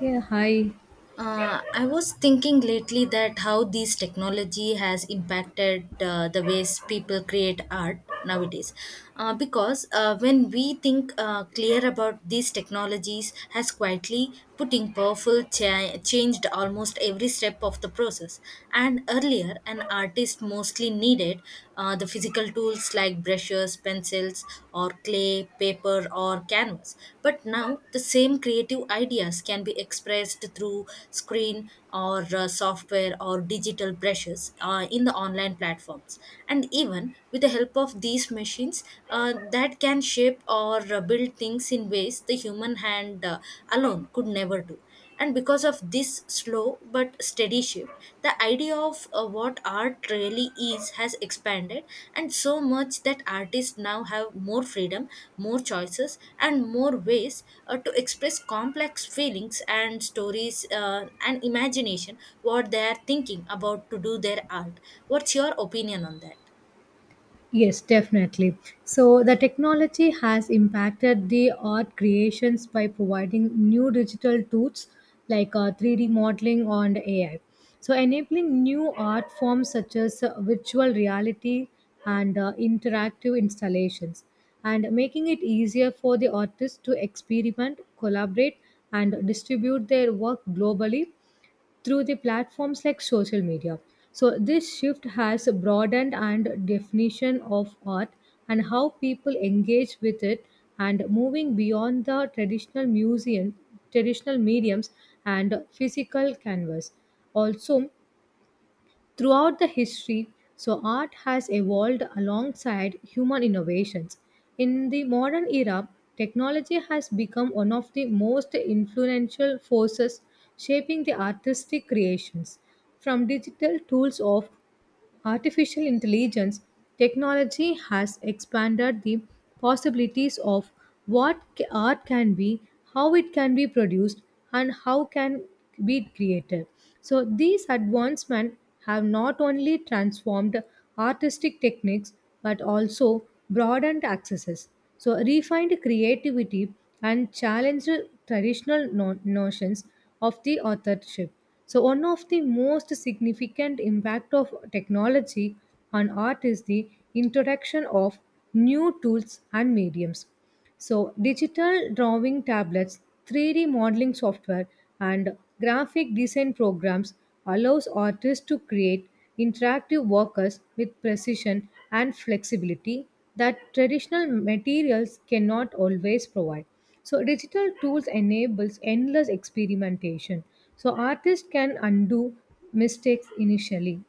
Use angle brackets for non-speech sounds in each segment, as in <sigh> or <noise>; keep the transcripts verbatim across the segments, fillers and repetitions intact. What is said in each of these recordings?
Yeah, hi. Uh, I was thinking lately that how this technology has impacted uh, the ways people create art nowadays. Uh, because uh, when we think uh, clear about these technologies, has quietly putting powerful cha- changed almost every step of the process. And earlier, an artist mostly needed uh, the physical tools tools like brushes, pencils, or clay, paper, or canvas. But now the same creative ideas can be expressed through screen or uh, software or digital brushes uh, in the online platforms. And even with the help of these machines, uh, that can shape or uh, build things in ways the human hand uh, alone could never do. And because of this slow but steady shift, the idea of uh, what art really is has expanded, and so much that artists now have more freedom, more choices, and more ways uh, to express complex feelings and stories uh, and imagination what they are thinking about to do their art. What's your opinion on that? Yes, definitely. So, the technology has impacted the art creations by providing new digital tools like uh, three D modeling and A I. So, enabling new art forms such as uh, virtual reality and uh, interactive installations, and making it easier for the artists to experiment, collaborate, and distribute their work globally through the platforms like social media. So this shift has broadened and definition of art and how people engage with it and moving beyond the traditional museum traditional mediums and physical canvas. Also, throughout the history, so art has evolved alongside human innovations. In the modern era, technology has become one of the most influential forces shaping the artistic creations. From digital tools of artificial intelligence, technology has expanded the possibilities of what ca- art can be, how it can be produced, and how can be created. So these advancements have not only transformed artistic techniques but also broadened accesses, so refined creativity and challenged traditional no- notions of the authorship. So one of the most significant impact of technology on art is the introduction of new tools and mediums. So digital drawing tablets, three D modeling software and graphic design programs allows artists to create interactive works with precision and flexibility that traditional materials cannot always provide. So digital tools enables endless experimentation, so artists can undo mistakes initially,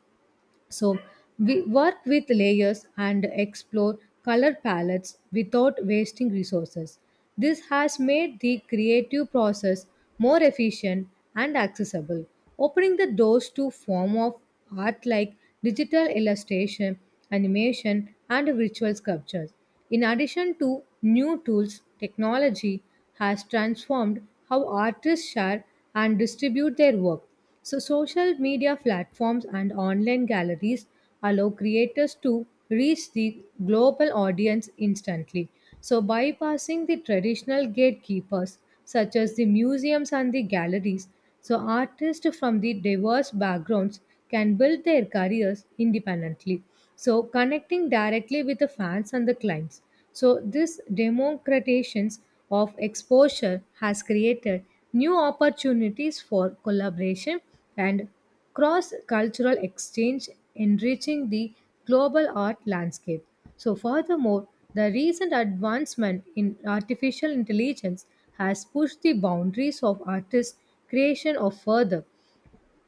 so we work with layers and explore color palettes without wasting resources. This has made the creative process more efficient and accessible, opening the doors to form of art like digital illustration, animation, and virtual sculptures. In addition to new tools, technology has transformed how artists share and distribute their work. So, social media platforms and online galleries allow creators to reach the global audience instantly. So, bypassing the traditional gatekeepers such as the museums and the galleries, so artists from the diverse backgrounds can build their careers independently, so connecting directly with the fans and the clients. So this democratizations of exposure has created new opportunities for collaboration and cross cultural exchange, enriching the global art landscape. So furthermore, the recent advancement in artificial intelligence has pushed the boundaries of artists creation of further.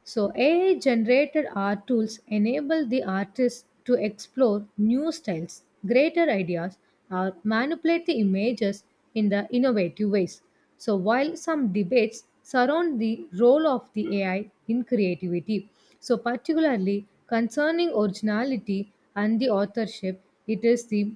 So, A I generated art tools enable the artist to explore new styles, greater ideas, or manipulate the images in the innovative ways. So, while some debates surround the role of the A I in creativity, so particularly concerning originality and the authorship, it is the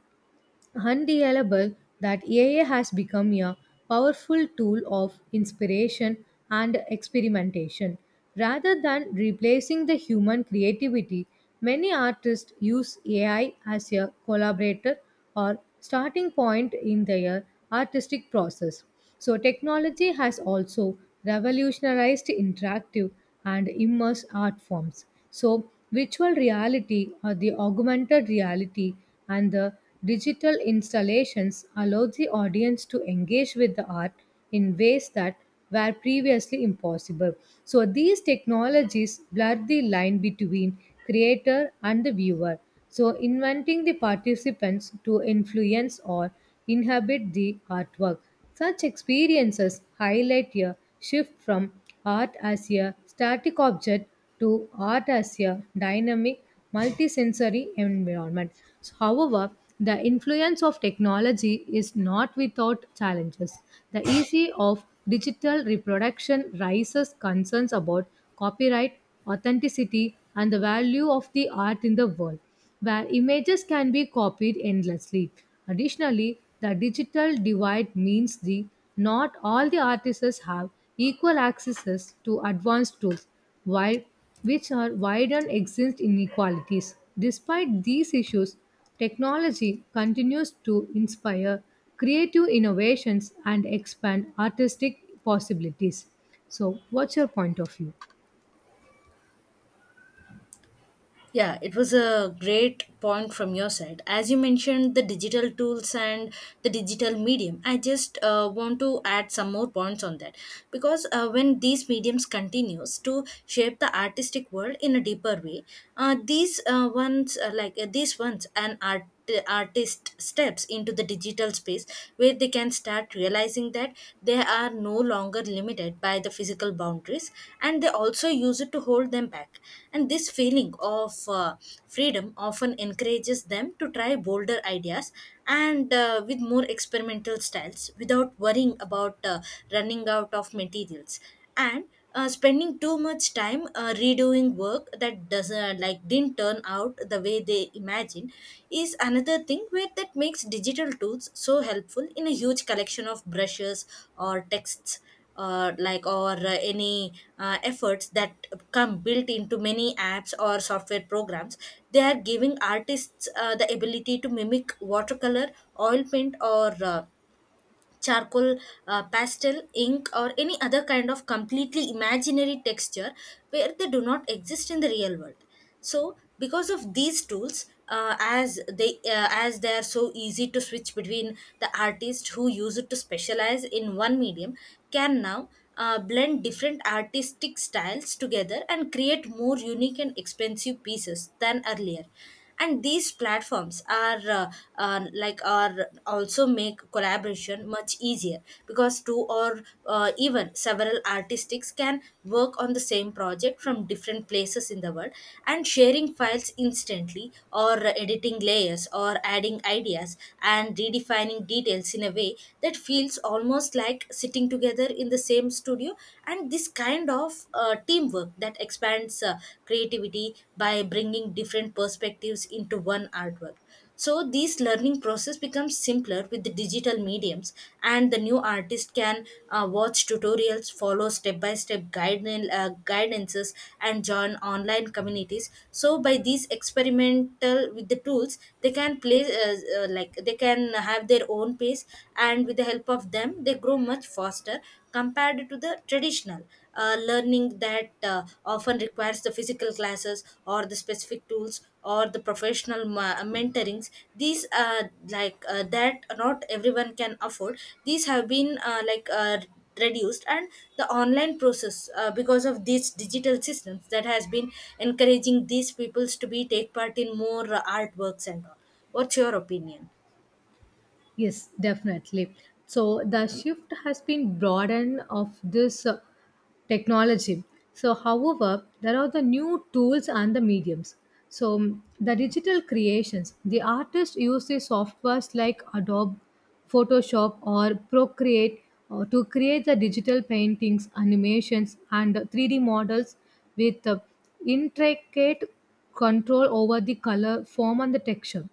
undeniable that A I has become a powerful tool of inspiration and experimentation. Rather than replacing the human creativity, many artists use A I as a collaborator or starting point in their artistic process. So, technology has also revolutionized interactive and immersive art forms. So, virtual reality or the augmented reality and the digital installations allow the audience to engage with the art in ways that were previously impossible. So, these technologies blur the line between creator and the viewer, so inventing the participants to influence or inhabit the artwork. Such experiences highlight a shift from art as a static object to art as a dynamic, multisensory environment. So, however, the influence of technology is not without challenges. The ease of digital reproduction raises concerns about copyright, authenticity, and the value of the art in the world where images can be copied endlessly. Additionally, the digital divide means the not all the artists have equal access to advanced tools, while which are widen existing inequalities. Despite these issues, technology continues to inspire creative innovations and expand artistic possibilities. So, what's your point of view? Yeah, it was a great point from your side. As you mentioned, the digital tools and the digital medium, I just uh, want to add some more points on that, because uh, when these mediums continues to shape the artistic world in a deeper way, uh, these uh, ones uh, like uh, these ones an art t- artist steps into the digital space, where they can start realizing that they are no longer limited by the physical boundaries, and they also use it to hold them back. And this feeling of uh, freedom often encourages them to try bolder ideas, and uh, with more experimental styles, without worrying about uh, running out of materials, and uh, spending too much time uh, redoing work that doesn't like didn't turn out the way they imagined, is another thing where that makes digital tools so helpful. In a huge collection of brushes or texts or like or uh, any uh, efforts that come built into many apps or software programs, they are giving artists uh, the ability to mimic watercolor, oil paint, or uh, charcoal, uh, pastel, ink, or any other kind of completely imaginary texture, where they do not exist in the real world. So, because of these tools, uh, as they uh, as they are so easy to switch between, the artist who use it to specialize in one medium can now uh, blend different artistic styles together and create more unique and expensive pieces than earlier. And these platforms are uh, uh, like are also make collaboration much easier, because two or uh, even several artists can work on the same project from different places in the world, and sharing files instantly or editing layers or adding ideas and redefining details in a way that feels almost like sitting together in the same studio. And this kind of uh, teamwork work that expands uh, creativity by bringing different perspectives into one artwork. So this learning process becomes simpler with the digital mediums, and the new artist can uh, watch tutorials, follow step by step guidance uh, guidances, and join online communities. So by these experimental with the tools, they can play uh, uh, like they can have their own pace, and with the help of them, they grow much faster compared to the traditional uh, learning that uh, often requires the physical classes or the specific tools or the professional ma- mentorings, these uh, like uh, that not everyone can afford. These have been uh, like uh, reduced, and the online process, uh, because of these digital systems, that has been encouraging these peoples to be take part in more uh, artworks and all. What's your opinion? Yes, definitely. So the shift has been broadened of this uh, technology. So, however, there are the new tools and the mediums. So, mm, the digital creations, the artist uses softwares like Adobe, Photoshop, or Procreate uh, to create the digital paintings, animations, and three D models with uh, intricate control over the color, form, and the texture.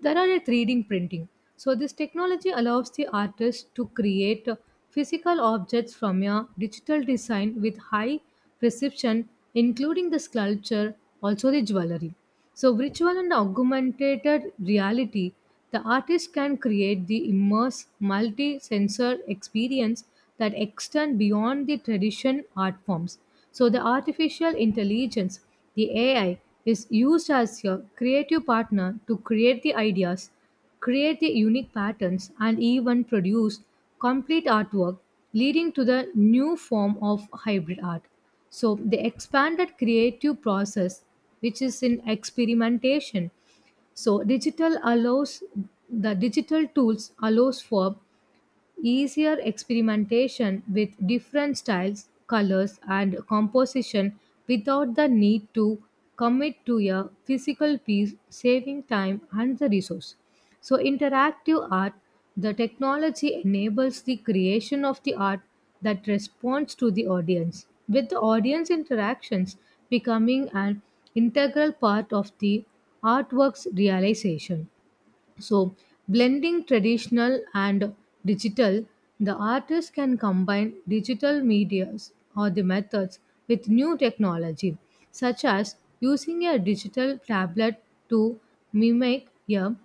There are a three D printing. So this technology allows the artist to create physical objects from a digital design with high precision, including the sculpture, also the jewelry. So virtual and augmented reality, the artist can create the immersive, multi sensor experience that extend beyond the tradition art forms. So, the artificial intelligence, the A I, is used as your creative partner to create the ideas, create the unique patterns, and even produce complete artwork, leading to the new form of hybrid art. So, the expanded creative process, which is in experimentation, so digital allows the digital tools allows for easier experimentation with different styles, colors, and composition without the need to commit to a physical piece, saving time and the resource. So, interactive art, the technology enables the creation of the art that responds to the audience, with the audience interactions becoming an integral part of the artwork's realization. So, blending traditional and digital, the artist can combine digital medias or the methods with new technology, such as using a digital tablet to mimic a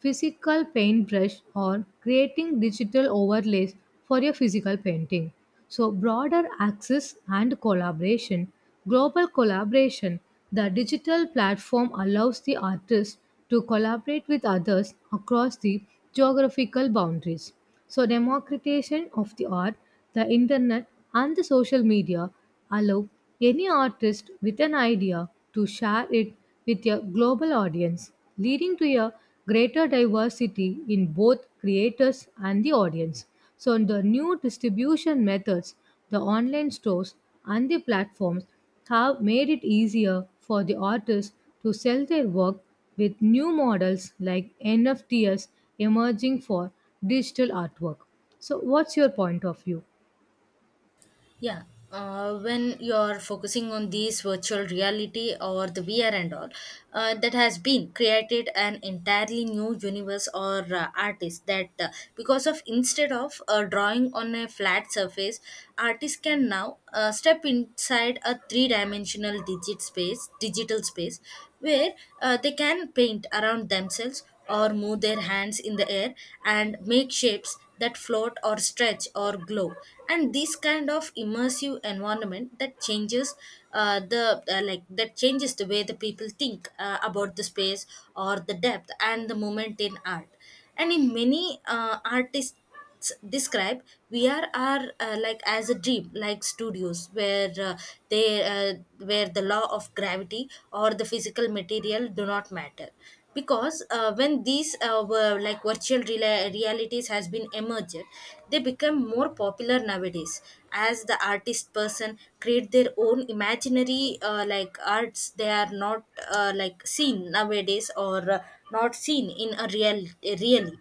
physical paintbrush or creating digital overlays for your physical painting. So, broader access and collaboration, global collaboration, the digital platform allows the artist to collaborate with others across the geographical boundaries. So, democratization of the art, the internet, and the social media allow any artist with an idea to share it with a global audience, leading to a greater diversity in both creators and the audience. So, the new distribution methods, the online stores, and the platforms have made it easier for the artists to sell their work with new models like N F Ts emerging for digital artwork. So, what's your point of view? Yeah. Uh, when you're focusing on these virtual reality or the V R and all, uh, that has been created an entirely new universe or uh, artist, that uh, because of instead of uh, drawing on a flat surface, artists can now uh, step inside a three-dimensional digit space, digital space, where uh, they can paint around themselves or move their hands in the air and make shapes that float or stretch or glow. And this kind of immersive environment that changes uh, the uh, like that changes the way the people think uh, about the space or the depth and the moment in art. And in many uh, artists s- describe V R are uh, like as a dream like studios, where uh, they uh, where the law of gravity or the physical material do not matter. Because uh, when these uh, were like virtual rela- realities has been emerged, they become more popular nowadays, as the artist person create their own imaginary uh, like arts they are not uh, like seen nowadays, or uh, not seen in a real really.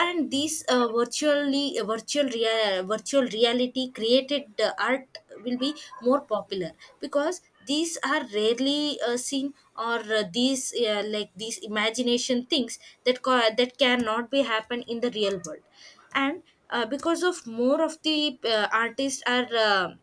And these uh, virtually uh, virtual rea- virtual reality created uh, art will be more popular, because these are rarely uh, seen, or uh, these uh, like these imagination things that co- that cannot be happen in the real world. And uh, because of more of the uh, artists are uh,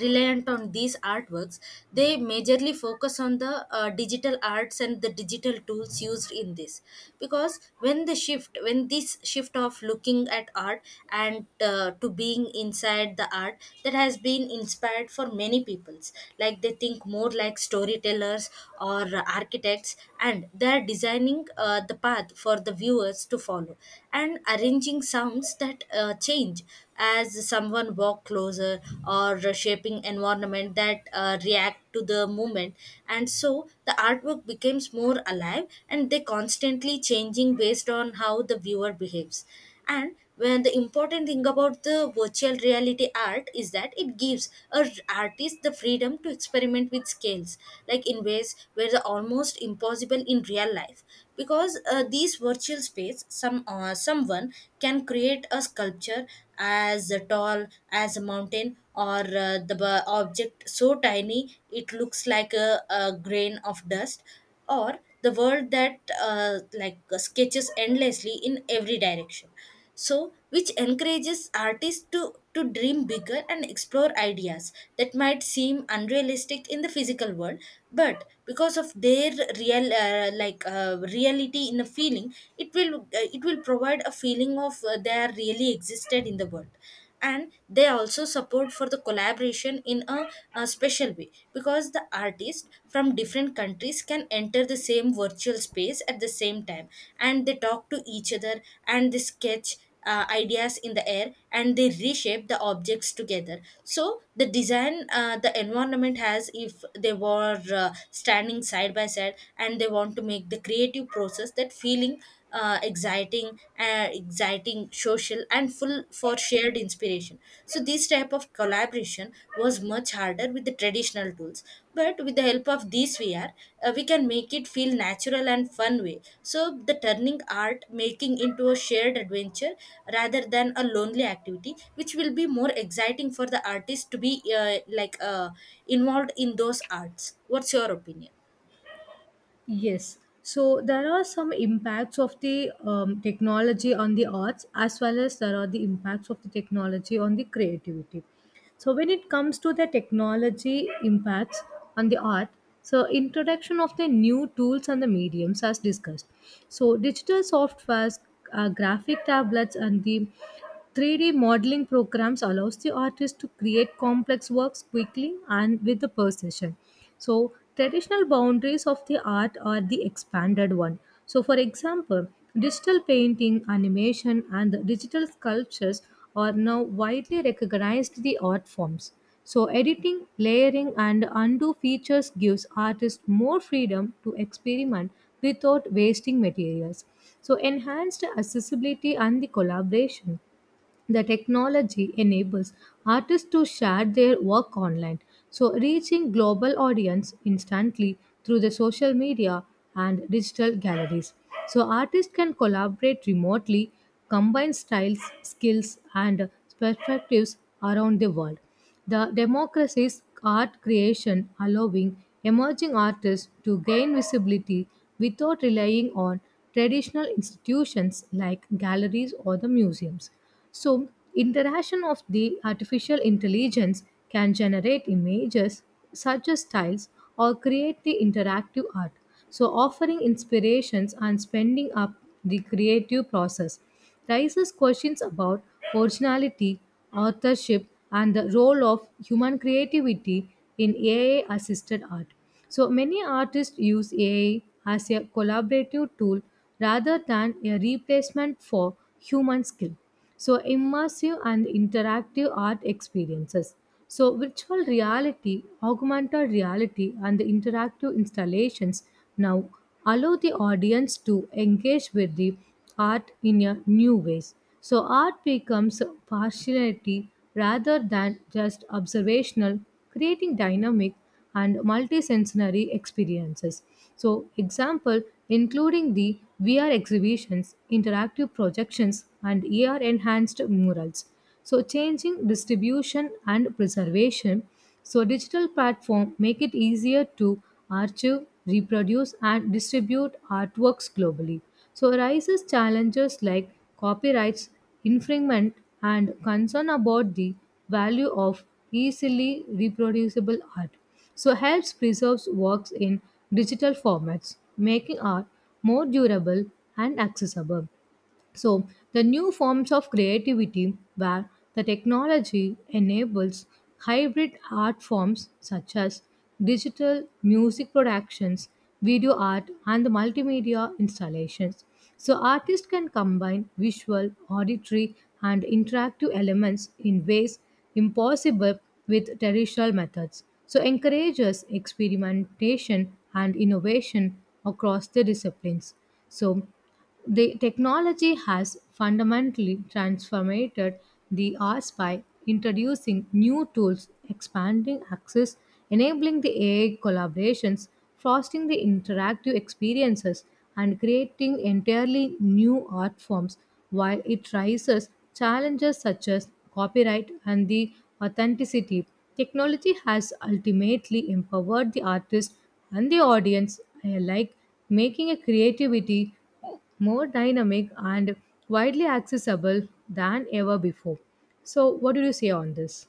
reliant on these artworks, they majorly focus on the uh, digital arts and the digital tools used in this. Because when the shift when this shift of looking at art, and uh, to being inside the art, that has been inspired for many peoples, like they think more like storytellers or architects, and they're designing uh, the path for the viewers to follow, and arranging sounds that uh, change as someone walk closer, or shaping environment that uh, react to the movement. And so the artwork becomes more alive and they constantly changing based on how the viewer behaves. And when the important thing about the virtual reality art is that it gives a artist the freedom to experiment with scales, like in ways where the almost impossible in real life, because uh, these virtual space, some uh, someone can create a sculpture as tall as a mountain, or uh, the b- object so tiny it looks like a, a grain of dust, or the world that uh, like sketches endlessly in every direction, so which encourages artists to to dream bigger and explore ideas that might seem unrealistic in the physical world. But because of their real uh, like uh, reality in a feeling, it will uh, it will provide a feeling of uh, they are really existed in the world. And they also support for the collaboration in a, a special way, because the artists from different countries can enter the same virtual space at the same time, and they talk to each other, and they sketch uh, ideas in the air, and they reshape the objects together, so the design, uh, the environment has if they were uh, standing side by side, and they want to make the creative process, that feeling uh, exciting uh, exciting, social, and full for shared inspiration. So this type of collaboration automation was much harder with the traditional tools, but with the help of these V R, uh, we can make it feel natural and fun way. So the turning art making into a shared adventure rather than a lonely activity, which will be more exciting for the artist to be uh, like uh, involved in those arts. What's your opinion? Yes. So there are some impacts of the um, technology on the arts as well as there are the impacts of the technology on the creativity. So when it comes to the technology impacts on the art, so introduction of the new tools and the mediums as discussed. So digital softwares, uh, graphic tablets and the three D modeling programs allows the artist to create complex works quickly and with the precision. So, traditional boundaries of the art are the expanded one. So, for example, digital painting, animation, and the digital sculptures are now widely recognized the art forms. So, editing, layering, and undo features gives artists more freedom to experiment without wasting materials. So, enhanced accessibility and the collaboration. The technology enables artists to share their work online, so reaching global audience instantly through the social media and digital galleries. So artists can collaborate remotely, combine styles, skills and perspectives around the world. The democracy's art creation, allowing emerging artists to gain visibility without relying on traditional institutions like galleries or the museums. So, interaction of the artificial intelligence can generate images such as styles or create the interactive art. So, offering inspirations and spending up the creative process raises questions about originality, authorship, and the role of human creativity in A I assisted art. So, many artists use A I as a collaborative tool rather than a replacement for human skill. So immersive and interactive art experiences, so virtual reality, augmented reality and the interactive installations now allow the audience to engage with the art in a new ways, so art becomes partiality rather than just observational, creating dynamic and multisensory experiences. So, example including the V R exhibitions, interactive projections, and A R enhanced murals. So, changing distribution and preservation. So, digital platform make it easier to archive, reproduce, and distribute artworks globally. So, arises challenges like copyrights, infringement, and concern about the value of easily reproducible art, so helps preserves works in digital formats, making art more durable and accessible. So, the new forms of creativity where the technology enables hybrid art forms such as digital music productions, video art, and the multimedia installations. So, artists can combine visual, auditory, and interactive elements in ways impossible with traditional methods. So, encourages experimentation and innovation across the disciplines. So, the technology has fundamentally transformed the arts by introducing new tools, expanding access, enabling the A I collaborations, fostering the interactive experiences, and creating entirely new art forms while it raises challenges such as copyright and the authenticity. Technology has ultimately empowered the artist and the audience alike, making a creativity more dynamic and widely accessible than ever before. So, what do you say on this?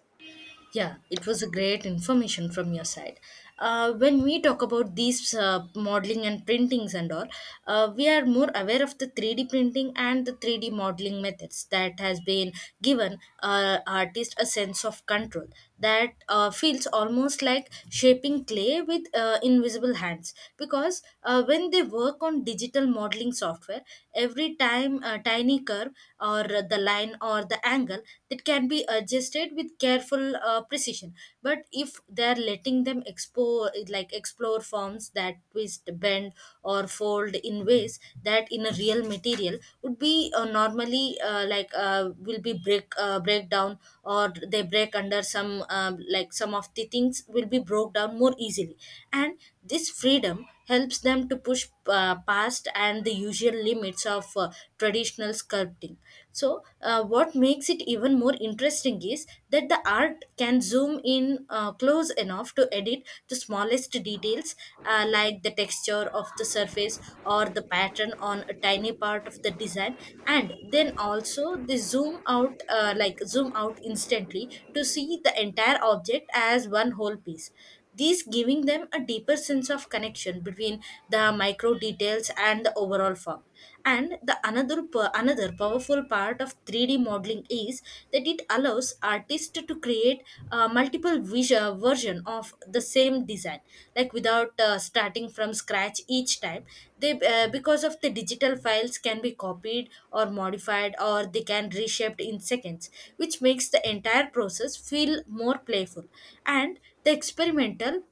Yeah, it was a great information from your side. Uh, when we talk about these uh, modeling and printings and all, uh, we are more aware of the three D printing and the three D modeling methods, that has been given uh, artist a sense of control, that uh, feels almost like shaping clay with uh, invisible hands, because uh, when they work on digital modeling software, every time a tiny curve or the line or the or the angle that can be adjusted with careful uh, precision. But if they're letting them explore like explore forms that twist, bend, or fold in ways that in a real material would be uh, normally, uh, like uh, will be break uh, break down, or they break under some um, like some of the things will be broke down more easily. And this freedom helps them to push uh, past and the usual limits of uh, traditional sculpting. So, uh, what makes it even more interesting is that the art can zoom in uh, close enough to edit the smallest details, uh, like the texture of the surface or the pattern on a tiny part of the design, and then also they zoom out, uh, like zoom out instantly to see the entire object as one whole piece, these giving them a deeper sense of connection between the micro details and the overall form. And the another po- another powerful part of three D modeling is that it allows artists to create a multiple visual version of the same design, like without uh, starting from scratch each time, they uh, because of the digital files can be copied or modified or they can reshaped in seconds, which makes the entire process feel more playful And the experimental,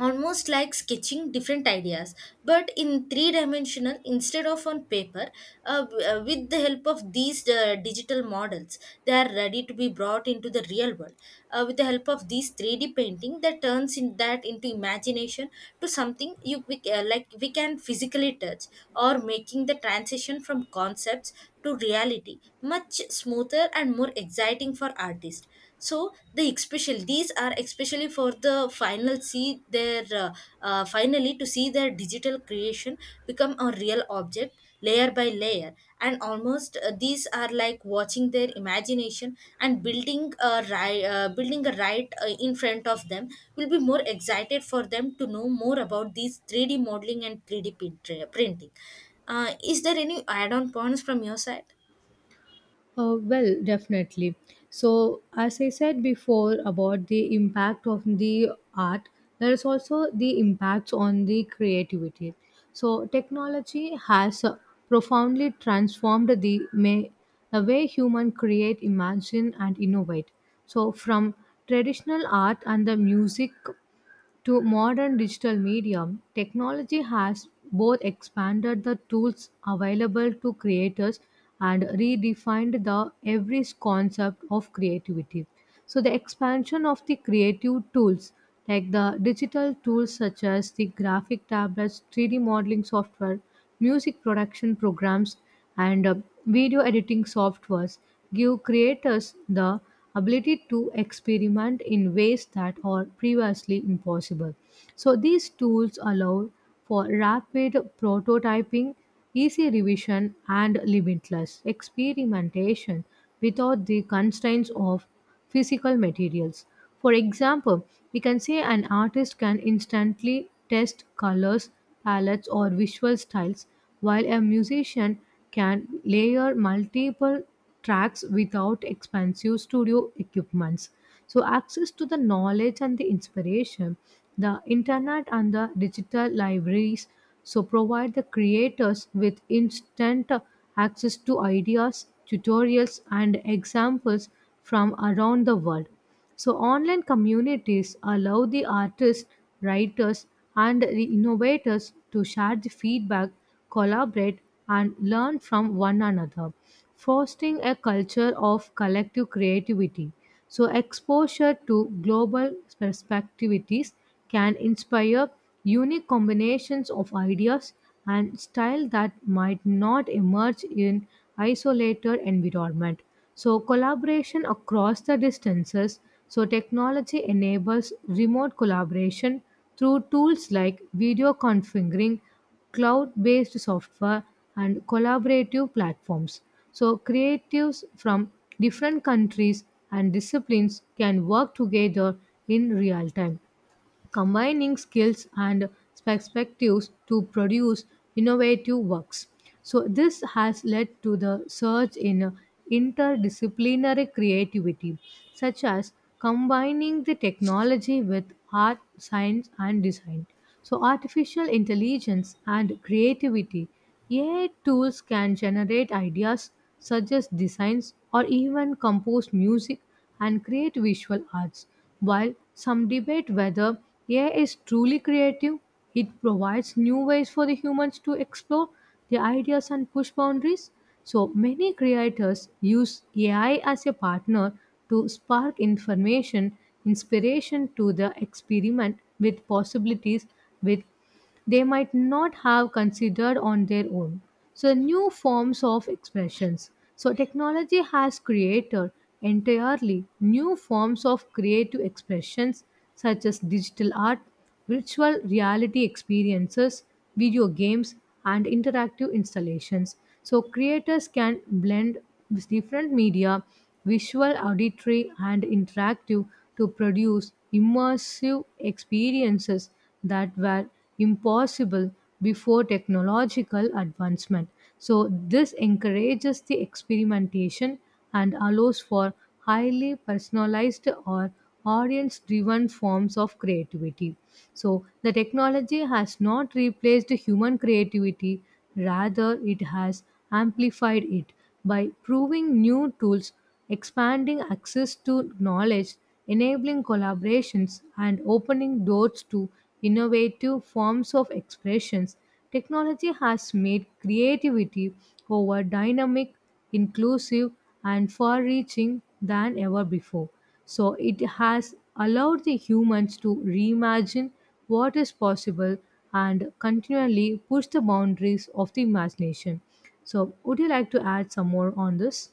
almost like sketching different ideas, but in three dimensional instead of on paper, uh, w- uh, with the help of these uh, digital models, they are ready to be brought into the real world. Uh, with the help of these three D painting, that turns in that into imagination to something you we, uh, like we can physically touch, or making the transition from concepts to reality much smoother and more exciting for artists. So the especially these are especially for the final see their uh, uh, finally to see their digital creation become a real object layer by layer. And almost uh, these are like watching their imagination and building a right uh, building a right uh, in front of them, will be more excited for them to know more about these three D modeling and three D print- printing. Uh, is there any add-on points from your side? Uh, well, definitely. So, as I said before about the impact of the art, there is also the impacts on the creativity. So, technology has uh, profoundly transformed the, may, the way human create, imagine, and innovate. So, from traditional art and the music to modern digital medium, technology has both expanded the tools available to creators and redefined the every concept of creativity. So the expansion of the creative tools like the digital tools such as the graphic tablets, three D modeling software, music production programs and uh, video editing softwares give creators the ability to experiment in ways that are previously impossible. So these tools allow for rapid prototyping, easy revision, and limitless experimentation without the constraints of physical materials. For example, we can say an artist can instantly test colors, palettes, or visual styles, while a musician can layer multiple tracks without expensive studio equipments. So, access to the knowledge and the inspiration, the internet and the digital libraries, so provide the creators with instant access to ideas, tutorials, and examples from around the world. So, online communities allow the artists, writers, and the innovators to share the feedback, collaborate, and learn from one another, fostering a culture of collective creativity. So, exposure to global perspectives can inspire unique combinations of ideas and style that might not emerge in isolated environment. So collaboration across the distances. So technology enables remote collaboration through tools like video configuring, cloud-based software, and collaborative platforms. So creatives from different countries and disciplines can work together in real time combining skills and perspectives to produce innovative works. So, this has led to the surge in interdisciplinary creativity, such as combining the technology with art, science, and design. So, artificial intelligence and creativity. A I tools can generate ideas, suggest designs, or even compose music and create visual arts. While some debate whether A I is truly creative, it provides new ways for the humans to explore their ideas and push boundaries. So many creators use A I as a partner to spark information, inspiration to the experiment with possibilities with they might not have considered on their own. So, new forms of expressions. So, technology has created entirely new forms of creative expressions such as digital art, virtual reality experiences, video games, and interactive installations. So, creators can blend with different media, visual, auditory, and interactive to produce immersive experiences that were impossible before technological advancement. So, this encourages the experimentation and allows for highly personalized or audience driven forms of creativity. So, the technology has not replaced human creativity, rather, it has amplified it by proving new tools expanding access to knowledge, enabling collaborations, and opening doors to innovative forms of expressions. Technology has made creativity more dynamic, inclusive, and far reaching than ever before. So it has allowed the humans to reimagine what is possible and continually push the boundaries of the imagination. So, would you like to add some more on this?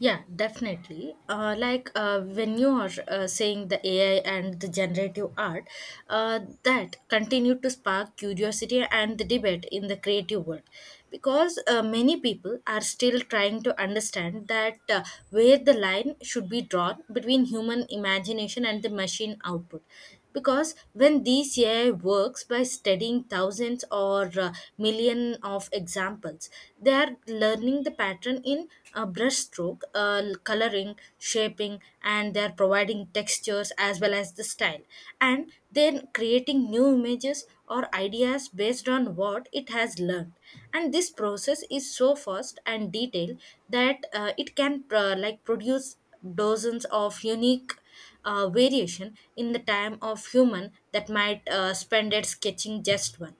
Yeah, definitely. Uh, like uh, when you are uh, saying the A I and the generative art, uh, that continue to spark curiosity and the debate in the creative world, because uh, many people are still trying to understand that uh, where the line should be drawn between human imagination and the machine output, because when this A I works by studying thousands or uh, million of examples, they are learning the pattern in uh, brushstroke, uh, coloring, shaping, and they are providing textures as well as the style, and then creating new images or ideas based on what it has learned. And this process is so fast and detailed that uh, it can uh, like produce dozens of unique uh, variation in the time of human that might uh, spend it sketching just one.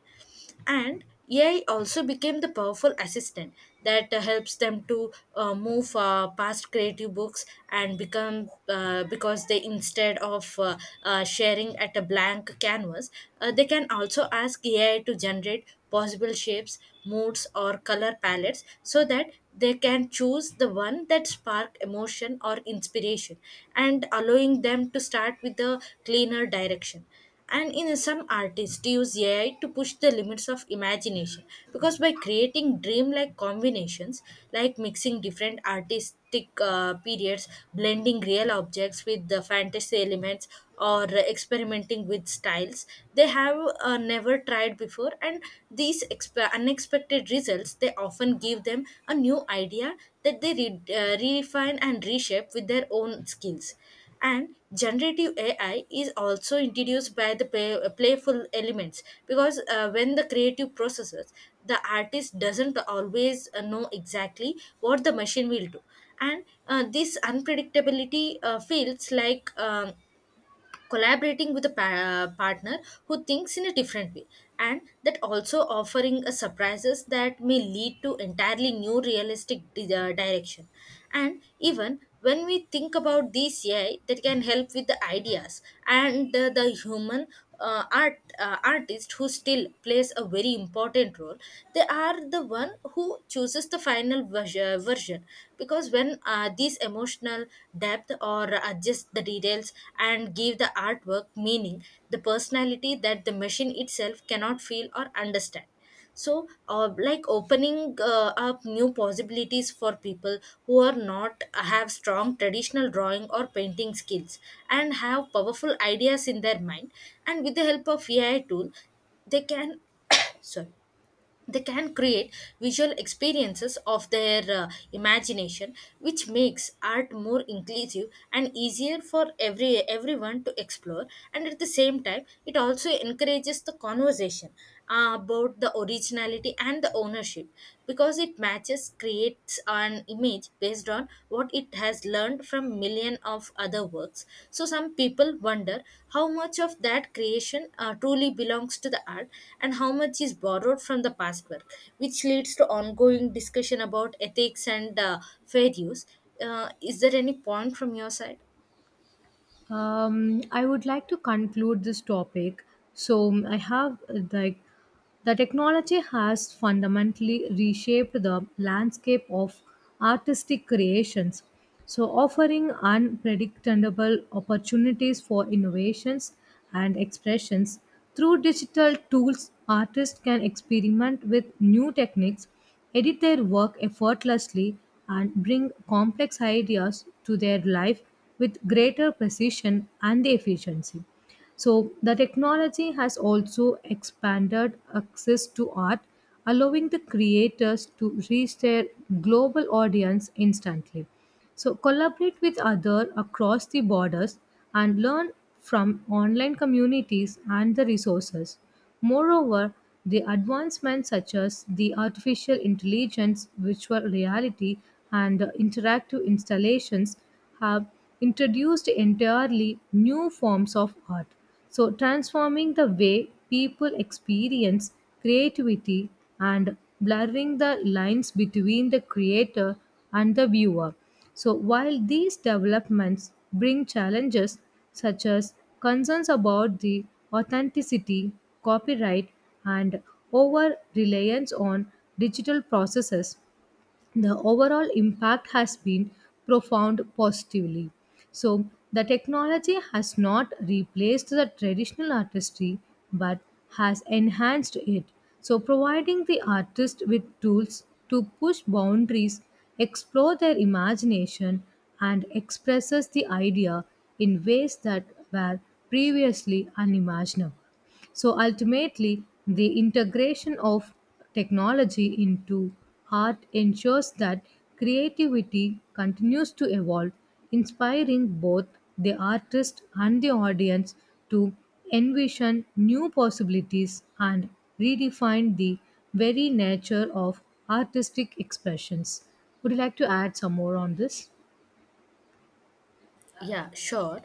And A I also became the powerful assistant that uh, helps them to uh, move uh, past creative books and become uh, because they instead of uh, uh, sharing at a blank canvas, uh, they can also ask A I to generate possible shapes, moods, or color palettes so that they can choose the one that spark emotion or inspiration and allowing them to start with a cleaner direction. And in some artists use A I to push the limits of imagination, because by creating dreamlike combinations like mixing different artistic uh, periods, blending real objects with the fantasy elements, or experimenting with styles they have uh, never tried before. And these exp- unexpected results they often give them a new idea that they re- uh, redefine and reshape with their own skills. And generative A I is also introduced by the play, playful elements, because uh, when the creative processes, the artist doesn't always uh, know exactly what the machine will do. And uh, this unpredictability uh, feels like um, collaborating with a pa- uh, partner who thinks in a different way, and that also offering a surprises that may lead to entirely new realistic di- uh, direction. And even when we think about these A I that can help with the ideas and the, the human uh, art uh, artist who still plays a very important role, they are the one who chooses the final vers- uh, version, because when uh, these emotional depth or adjust the details and give the artwork meaning, the personality that the machine itself cannot feel or understand. So uh, like opening uh, up new possibilities for people who are not have strong traditional drawing or painting skills and have powerful ideas in their mind. And with the help of A I tool they can <coughs> sorry, they can create visual experiences of their uh, imagination, which makes art more inclusive and easier for every everyone to explore. And at the same time it also encourages the conversation uh, about the originality and the ownership, because it matches creates and an image based on what it has learned from million of other works, so some people wonder how much of that creation uh, truly belongs to the art and how much is borrowed from the past work, which leads to ongoing discussion about ethics and uh, fair use. Uh, is there any point from your side? Um, I would like to conclude this topic. So um, I have uh, like the technology has fundamentally reshaped the landscape of artistic creations. So offering unpredictable opportunities for innovations and expressions through digital tools, artists can experiment with new techniques edit their work effortlessly, and bring complex ideas to their life with greater precision and efficiency. So, the technology has also expanded access to art, allowing the creators to reach their global audience instantly. So, collaborate with others across the borders and learn from online communities and the resources. Moreover, the advancements such as the artificial intelligence, virtual reality, and interactive installations have introduced entirely new forms of art. So, transforming the way people experience creativity and blurring the lines between the creator and the viewer. So, while these developments bring challenges, such as concerns about the authenticity, copyright, and over reliance on digital processes the overall impact has been profound positively. So, the technology has not replaced the traditional artistry but has enhanced it. So, providing the artist with tools to push boundaries, explore their imagination, and expresses the idea in ways that were previously unimaginable. So ultimately, the integration of technology into art ensures that creativity continues to evolve, inspiring both the artist and the audience to envision new possibilities and redefine the very nature of artistic expressions. Would you like to add some more on this? Yeah, sure.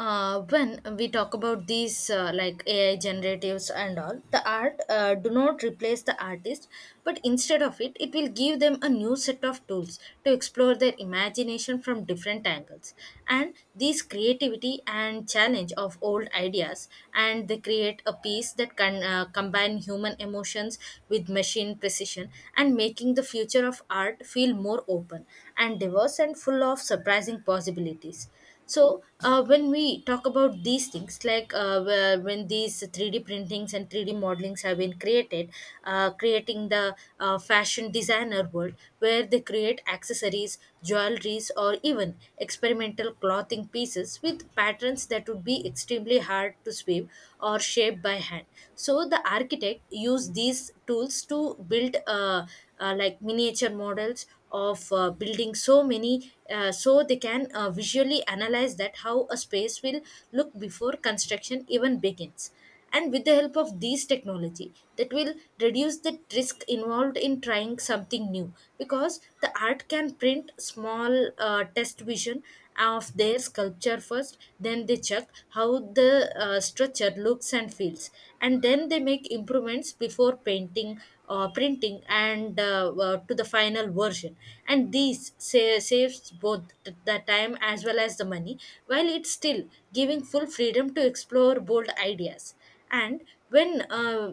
Uh, when we talk about these uh, like A I generatives and all, the art uh, do not replace the artist, but instead of it, it will give them a new set of tools to explore their imagination from different angles. And these creativity and challenge of old ideas, and they create a piece that can uh, combine human emotions with machine precision and making the future of art feel more open and diverse and full of surprising possibilities. So uh, when we talk about these things like uh, where- when these three D printings and three D modelings have been created, uh, creating the uh, fashion designer world where they create accessories, jewelries, or even experimental clothing pieces with patterns that would be extremely hard to weave or shape by hand. So the architect used these tools to build uh, uh, like miniature models of uh, building, so many uh, so they can uh, visually analyze that how a space will look before construction even begins. And with the help of these technology that will reduce the risk involved in trying something new, because the art can print small uh, test vision of their sculpture first, then they check how the uh, structure looks and feels, and then they make improvements before painting or printing and uh, uh, to the final version. And these sa- saves both th- the time as well as the money, while it's still giving full freedom to explore bold ideas. And when uh,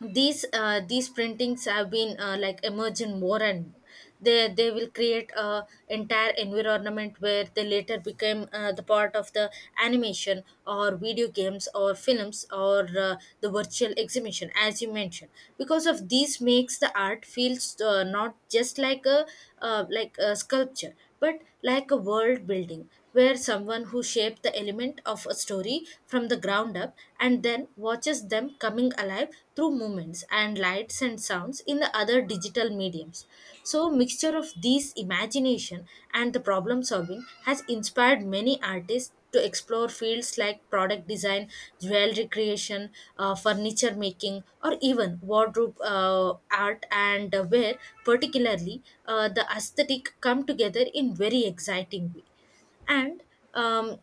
these uh, these printings have been uh, like emerging more, and they they will create a entire environment where they later become uh, the part of the animation or video games or films or uh, the virtual exhibition as you mentioned. Because of these makes the art feels uh, not just like a uh, like a sculpture, but like a world building where someone who shaped the element of a story from the ground up and then watches them coming alive through movements and lights and sounds in the other digital mediums. So mixture of these imagination and the problem solving has inspired many artists to explore fields like product design, jewelry creation, uh, furniture making, or even wardrobe uh, art, and uh, where particularly uh, the aesthetic come together in very exciting way. And um,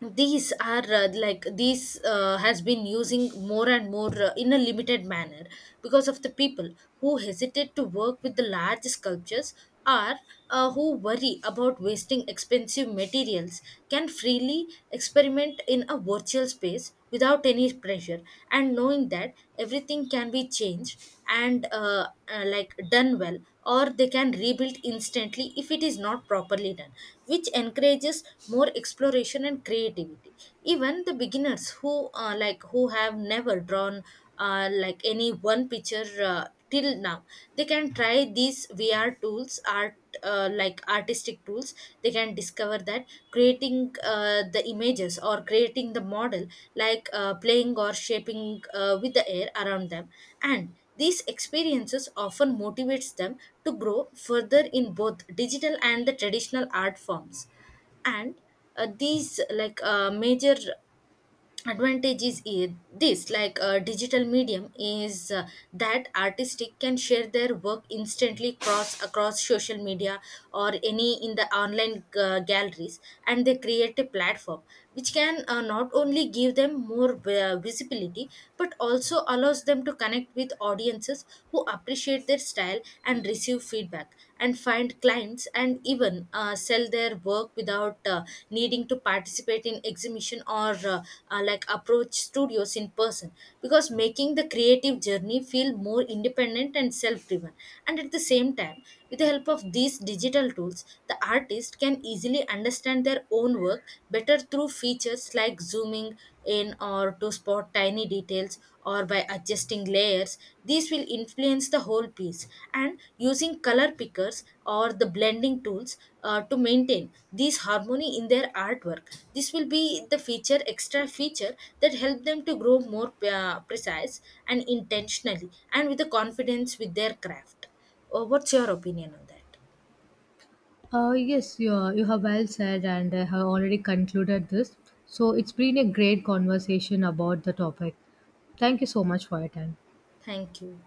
these are uh, like these uh, has been using more and more uh, in a limited manner, because of the people who hesitate to work with the large sculptures or uh, who worry about wasting expensive materials can freely experiment in a virtual space without any pressure, and knowing that everything can be changed and uh, uh, like done well, or they can rebuild instantly if it is not properly done, which encourages more exploration and creativity. Even the beginners who uh, like who have never drawn uh, like any one picture uh, till now, they can try these V R tools art uh, like artistic tools, they can discover that creating uh, the images or creating the model like uh, playing or shaping uh, with the air around them. And these experiences often motivates them to grow further in both digital and the traditional art forms. And uh, these like uh, major advantage is i- this like a digital medium is uh, that artistic can share their work instantly cross across social media or any in the online uh, galleries, and they create a platform which can uh, not only give them more uh, visibility, but also allows them to connect with audiences who appreciate their style and receive feedback and find clients and even uh, sell their work without uh, needing to participate in exhibition or uh, uh, like approach studios in person, because making the creative journey feel more independent and self driven. And at the same time, with the help of these digital tools, the artist can easily understand their own work better through features like zooming in or or to spot tiny details or by adjusting layers, these will influence the whole piece. And using color pickers or the blending tools uh, to maintain this harmony in their artwork, this will be the feature extra feature that help them to grow more uh, precise and intentionally and with the confidence with their craft. Uh, what's your opinion on that? Uh, yes, you, are, you have well said, and I have already concluded this. So, it's been a great conversation about the topic. Thank you so much for your time. Thank you.